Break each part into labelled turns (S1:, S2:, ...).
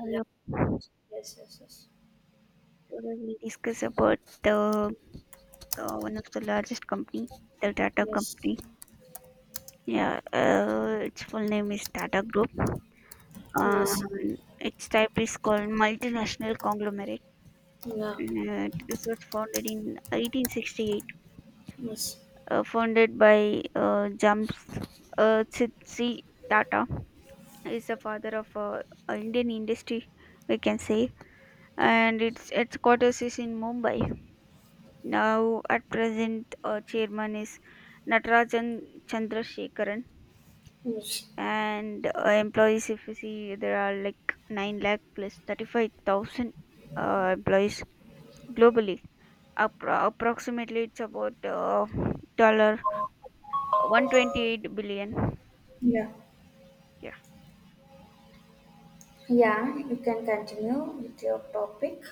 S1: Yeah. Yes. Yes. Yes.
S2: Today we discuss about the one of the largest company, the Tata
S1: Yes.
S2: company. Yeah, its full name is Tata Group.
S1: Oh, yes.
S2: Its type is called multinational conglomerate.
S1: Yeah.
S2: And this was founded in 1868.
S1: Yes.
S2: Founded by Jamsetji Tata. Is the father of Indian industry, we can say, and its headquarters is in Mumbai. Now, at present, chairman is Natarajan Chandrasekaran,
S1: Yes.
S2: and employees, if you see, there are like 9 lakh plus 35,000 employees globally. Approximately, it's about dollar 128 billion.
S1: Yeah.
S2: Yeah,
S1: Yeah, you can continue with your topic.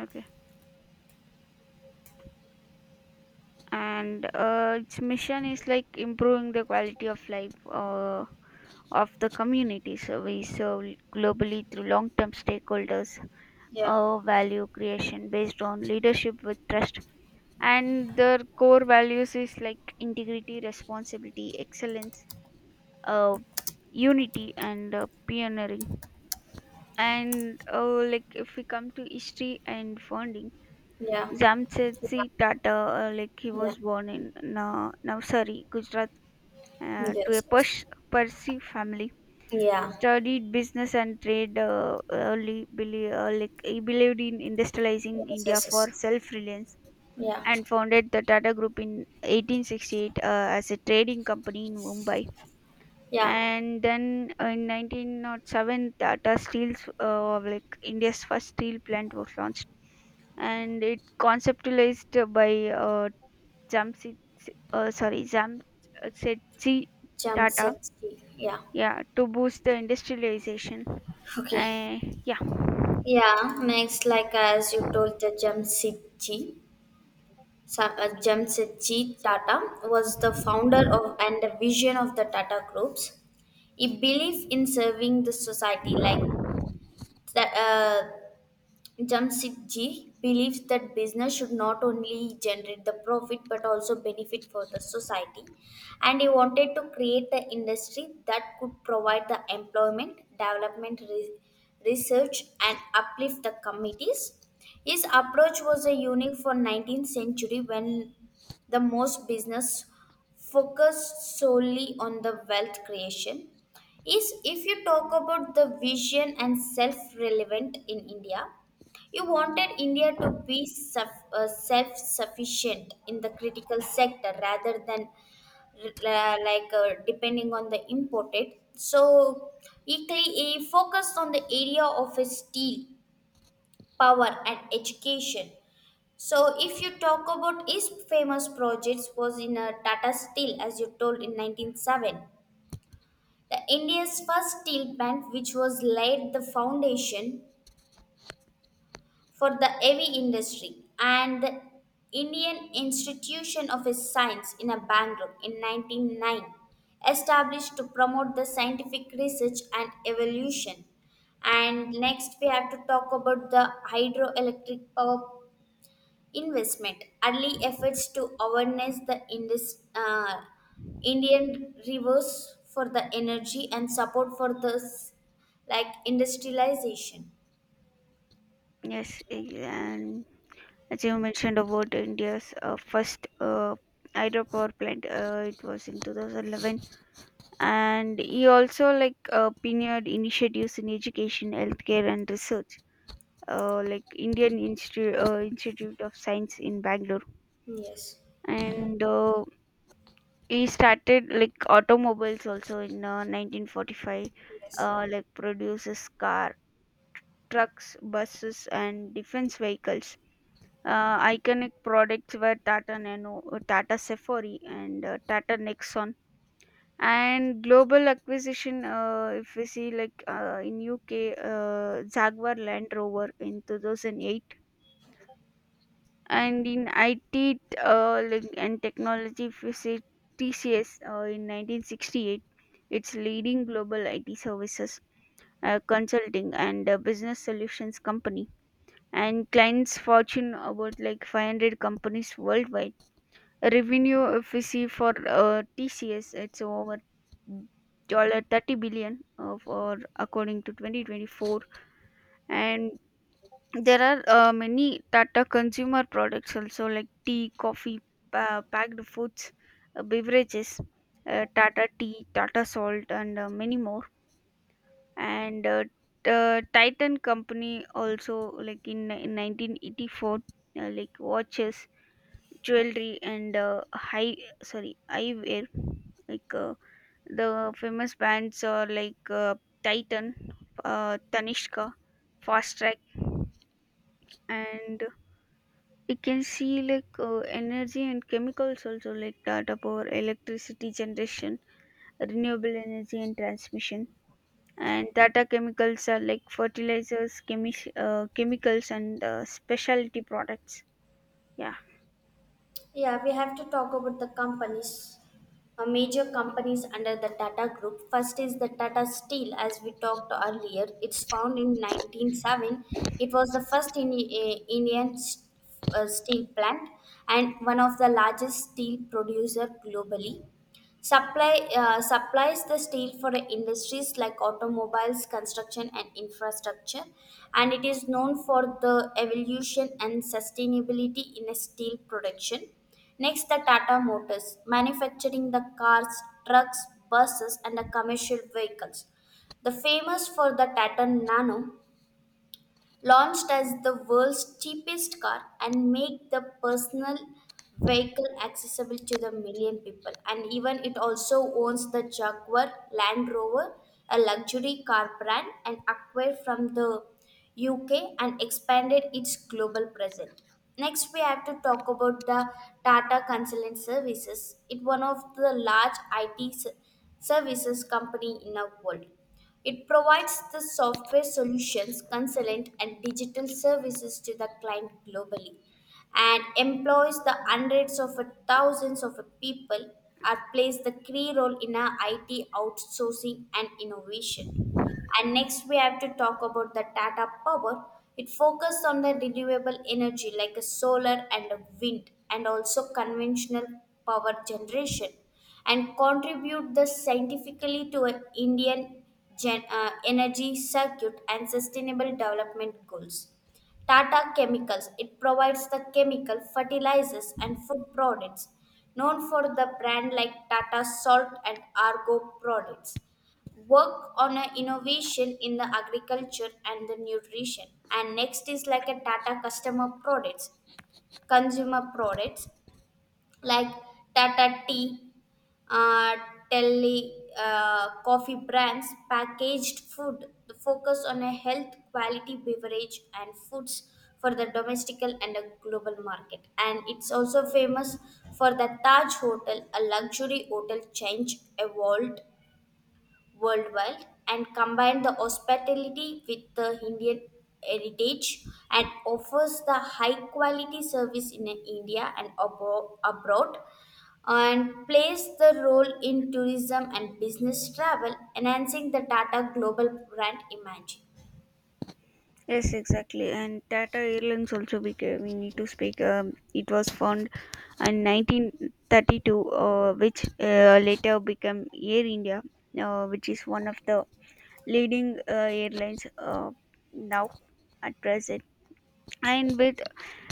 S2: okay. And its mission is like improving the quality of life of the communities we serve globally through long term stakeholders
S1: Yeah.
S2: value creation based on leadership with trust, and their core values is like integrity, responsibility, excellence, uh, unity, and pioneering. And like if we come to history and founding,
S1: Yeah.
S2: Jamsetji Tata, like he
S1: Yeah. Yeah.
S2: was born in Navsari, Gujarat, to a
S1: Yes. Yes.
S2: Parsi family.
S1: Yeah.
S2: Studied business and trade early, like he believed in industrializing
S1: Yes.
S2: India
S1: Yes.
S2: for
S1: Yes.
S2: self-reliance,
S1: Yeah.
S2: and founded the Tata Group in 1868 as a trading company in Mumbai.
S1: Yeah.
S2: And then in 1907, Tata Steel's like India's first steel plant was launched, and it conceptualized by Jamshid, Jamsetji
S1: Jump
S2: Tata,
S1: set G. Yeah.
S2: yeah, to boost the industrialization.
S1: Okay.
S2: Uh, yeah,
S1: Yeah. G. Jamsetji Tata was the founder of and the vision of the Tata Groups. He believed in serving the society like that. Jamsetji believes that business should not only generate the profit but also be for the society, and he wanted to create the industry that could provide the employment, development, research, and uplift the communities. His approach was a unique for 19th century when the most business focused solely on the wealth creation is if you talk about the vision and self relevant in India, you wanted India to be self sufficient in the critical sector rather than depending on the imported. So, he focused on the area of his steel, power, and education. So, if you talk about his famous projects, was in a Tata Steel, as you told in 1907, the India's first steel plant, which was laid the foundation for the heavy industry and the Indian Institution of Science in Bangalore in 1909, established to promote the scientific research and evolution. And next, we have to talk about the hydroelectric power investment, early efforts to awareness the Indian rivers for the energy and support for the like industrialization.
S2: yes, and as you mentioned about India's first hydropower plant, it was in 2011, and he also like pioneered initiatives in education, healthcare, and research. Like Institute of Science in Bangalore,
S1: Yes.
S2: and he started like automobiles also in 1945,
S1: Yes.
S2: like produces car, trucks, buses, and defense vehicles. Iconic products were Tata Nano, Tata Safari, and Tata Nexon. And global acquisition, if we see like in UK, Jaguar Land Rover in 2008, and in IT like, and technology, if we see TCS in 1968, it's leading global IT services, consulting, and business solutions company, and clients fortune about like 500 companies worldwide. Revenue if we see for tcs, it's over dollar 30 billion for according to 2024. And there are many tata consumer products also, like tea, coffee, packed foods, beverages, tata tea, tata salt, and many more. And titan company also, like in 1984, like watches, jewelry, and high sorry eyewear. Like uh, the famous bands are like titan, tanishka, fast track. And you can see like energy and chemicals also, like data power, electricity generation, renewable energy, and transmission, and data chemicals are like fertilizers, chemicals, and specialty products. Yeah.
S1: Yeah, we have to talk about the companies, major companies under the Tata Group. First is the Tata Steel, as we talked earlier. It's found in 1907. It was the first in, Indian steel plant and one of the largest steel producer globally. Supply supplies the steel for industries like automobiles, construction, and infrastructure, and it is known for the evolution and sustainability in steel production. Next, the Tata Motors, manufacturing the cars, trucks, buses, and the commercial vehicles. The famous for the Tata Nano, launched as the world's cheapest car and make the personal vehicle accessible to the million people and even it also owns the Jaguar Land Rover, a luxury car brand and acquired from the uk and expanded its global presence. Next, we have to talk about the Tata consultant services. It's one of the large it services company in the world. It provides the software solutions, consultant, and digital services to the client globally and employs the hundreds of thousands of people and plays the key role in our IT outsourcing and innovation. And next, we have to talk about the Tata Power. It focuses on the renewable energy like a solar and a wind, and also conventional power generation, and contribute the scientifically to a Indian energy circuit and sustainable development goals. Tata Chemicals. It provides the chemical fertilizers and food products known for the brand like Tata Salt and Argo products, work on a innovation in the agriculture and the nutrition. And next is like a tata customer products consumer products like Tata tea, uh, tele, coffee brands, packaged food. The focus on a health quality beverage and foods for the domestic and a global market, and it's also famous for the Taj hotel, a luxury hotel change evolved worldwide and combine the hospitality with the Indian heritage and offers the high quality service in India and abroad and plays the role in tourism and business travel, enhancing the Tata global brand image.
S2: Yes, exactly. And Tata Airlines also we need to speak. It was formed in 1932, which later became Air India, which is one of the leading airlines now at present. And with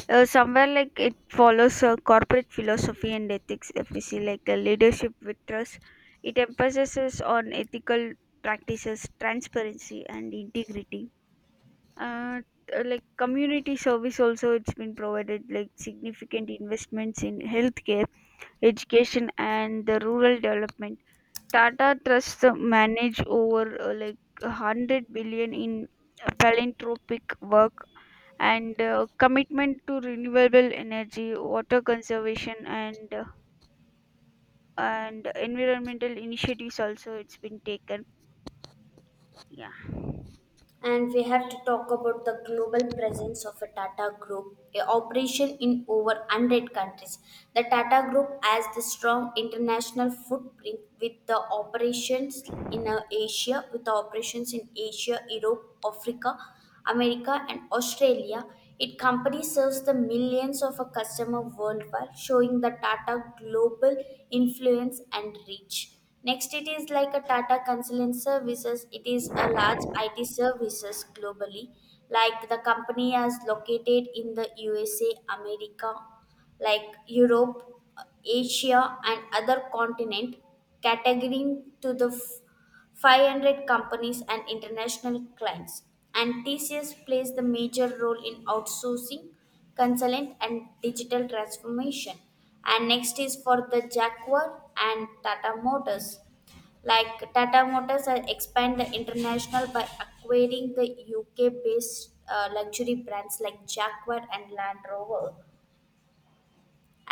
S2: somewhere like it follows corporate philosophy and ethics. If we see like a leadership with trust, it emphasizes on ethical practices, transparency, and integrity. uh, like community service also, it's been provided, like significant investments in healthcare, education, and the rural development. Tata trusts manage over like 100 billion in philanthropic work, and commitment to renewable energy, water conservation, and environmental initiatives also, it's been taken. Yeah,
S1: And we have to talk about the global presence of a Tata Group, a operation in over 100 countries. The Tata Group has the strong international footprint with the operations in Asia, Europe, Africa. America, and Australia. Its company serves the millions of a customer worldwide, showing the Tata global influence and reach. Next, it is like a Tata Consulting Services. It is a large IT services globally. Like the company is located in the USA, America, like Europe, Asia, and other continent, catering to the 500 companies and international clients. And TCS plays the major role in outsourcing, consultant, and digital transformation. And next is for the Jaguar and Tata Motors. Like Tata Motors has expand the international by acquiring the UK-based luxury brands like Jaguar and Land Rover,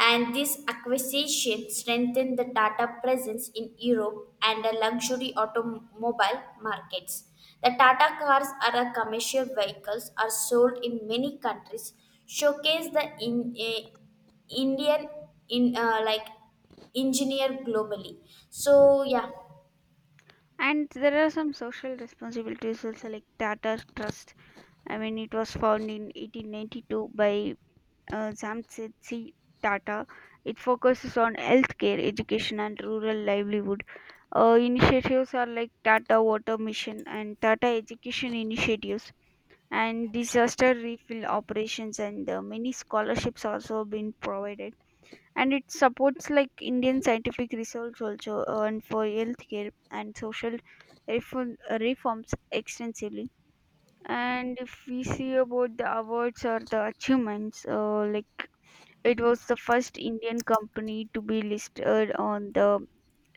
S1: and this acquisition strengthened the Tata presence in Europe and the luxury automobile markets. The Tata cars are a commercial vehicles are sold in many countries, showcase the Indian in like engineer globally. So yeah,
S2: and there are some social responsibilities also, like tata trust, I mean, it was found in 1892 by Jamset C. Tata. It focuses on healthcare, education, and rural livelihood. Initiatives are like Tata Water Mission and Tata Education Initiatives, and disaster refill operations, and many scholarships also been provided. And it supports like Indian scientific research also, and for healthcare and social reforms extensively. And if we see about the awards or the achievements, like it was the first Indian company to be listed on the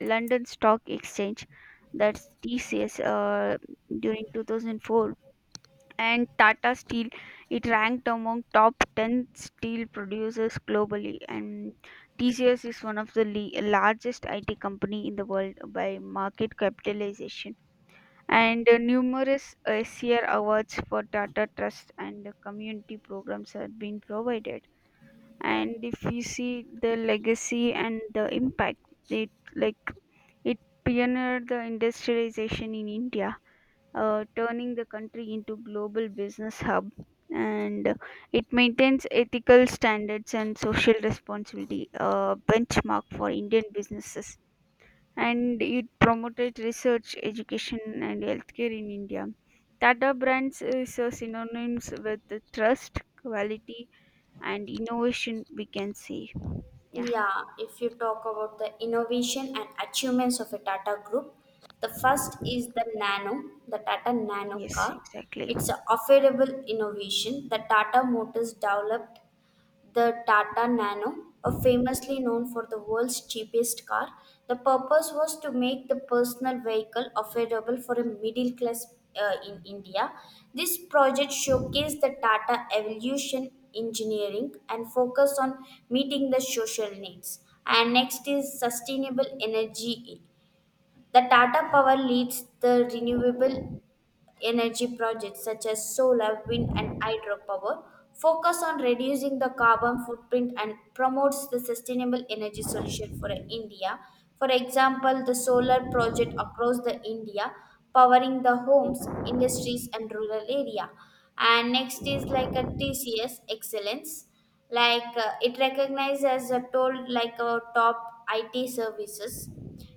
S2: London Stock Exchange, that's TCS, during 2004. And Tata Steel, it ranked among top 10 steel producers globally. And TCS is one of the largest IT company in the world by market capitalization, and numerous SCR awards for Tata Trust and community programs have been provided. And if you see the legacy and the impact, it like it pioneered the industrialization in India, turning the country into global business hub. And it maintains ethical standards and social responsibility, a benchmark for Indian businesses, and it promoted research, education, and healthcare in India. Tata Brands is a synonyms with the trust, quality, and innovation, we can say. Yeah.
S1: yeah, if you talk about the innovation and achievements of a Tata Group, the first is the Nano, the Tata Nano
S2: Yes,
S1: car.
S2: exactly.
S1: It's an affordable innovation that Tata Motors developed the Tata Nano, a famously known for the world's cheapest car. The purpose was to make the personal vehicle affordable for a middle class in India. This project showcased the Tata evolution engineering and focused on meeting the social needs. And next is sustainable energy. The Tata Power leads the renewable energy projects such as solar, wind, and hydropower, focus on reducing the carbon footprint and promotes the sustainable energy solution for India. For example, the solar project across the India powering the homes, industries, and rural area. And next is like a TCS excellence. It recognizes as a toll like a top IT services.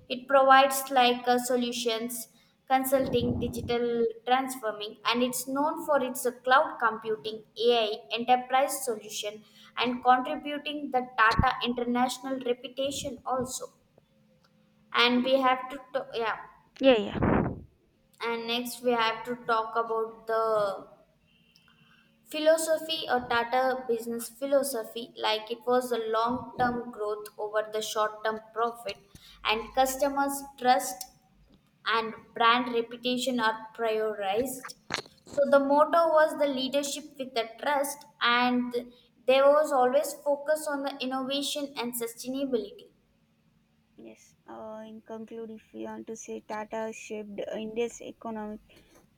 S1: It provides solutions, consulting, digital transforming, and it's known for its cloud computing, AI, enterprise solution, and contributing the Tata international reputation also. And we have yeah.
S2: Yeah, yeah.
S1: And next we have to talk about the philosophy or Tata business philosophy. Like it was a long-term growth over the short-term profit, and customers trust and brand reputation are prioritized. So the motto was the leadership with the trust, and there was always focus on the innovation and sustainability.
S2: Yes. In conclude, if we want to say, Tata shaped India's economic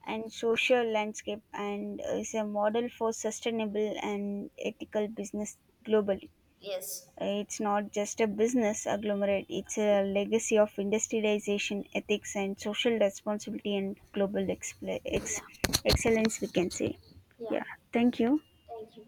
S2: and social landscape and is a model for sustainable and ethical business globally.
S1: Yes.
S2: It's not just a business agglomerate, it's a legacy of industrialization, ethics, and social responsibility, and global
S1: Yeah.
S2: excellence, we can say.
S1: Yeah.
S2: Yeah, thank you.
S1: Thank you.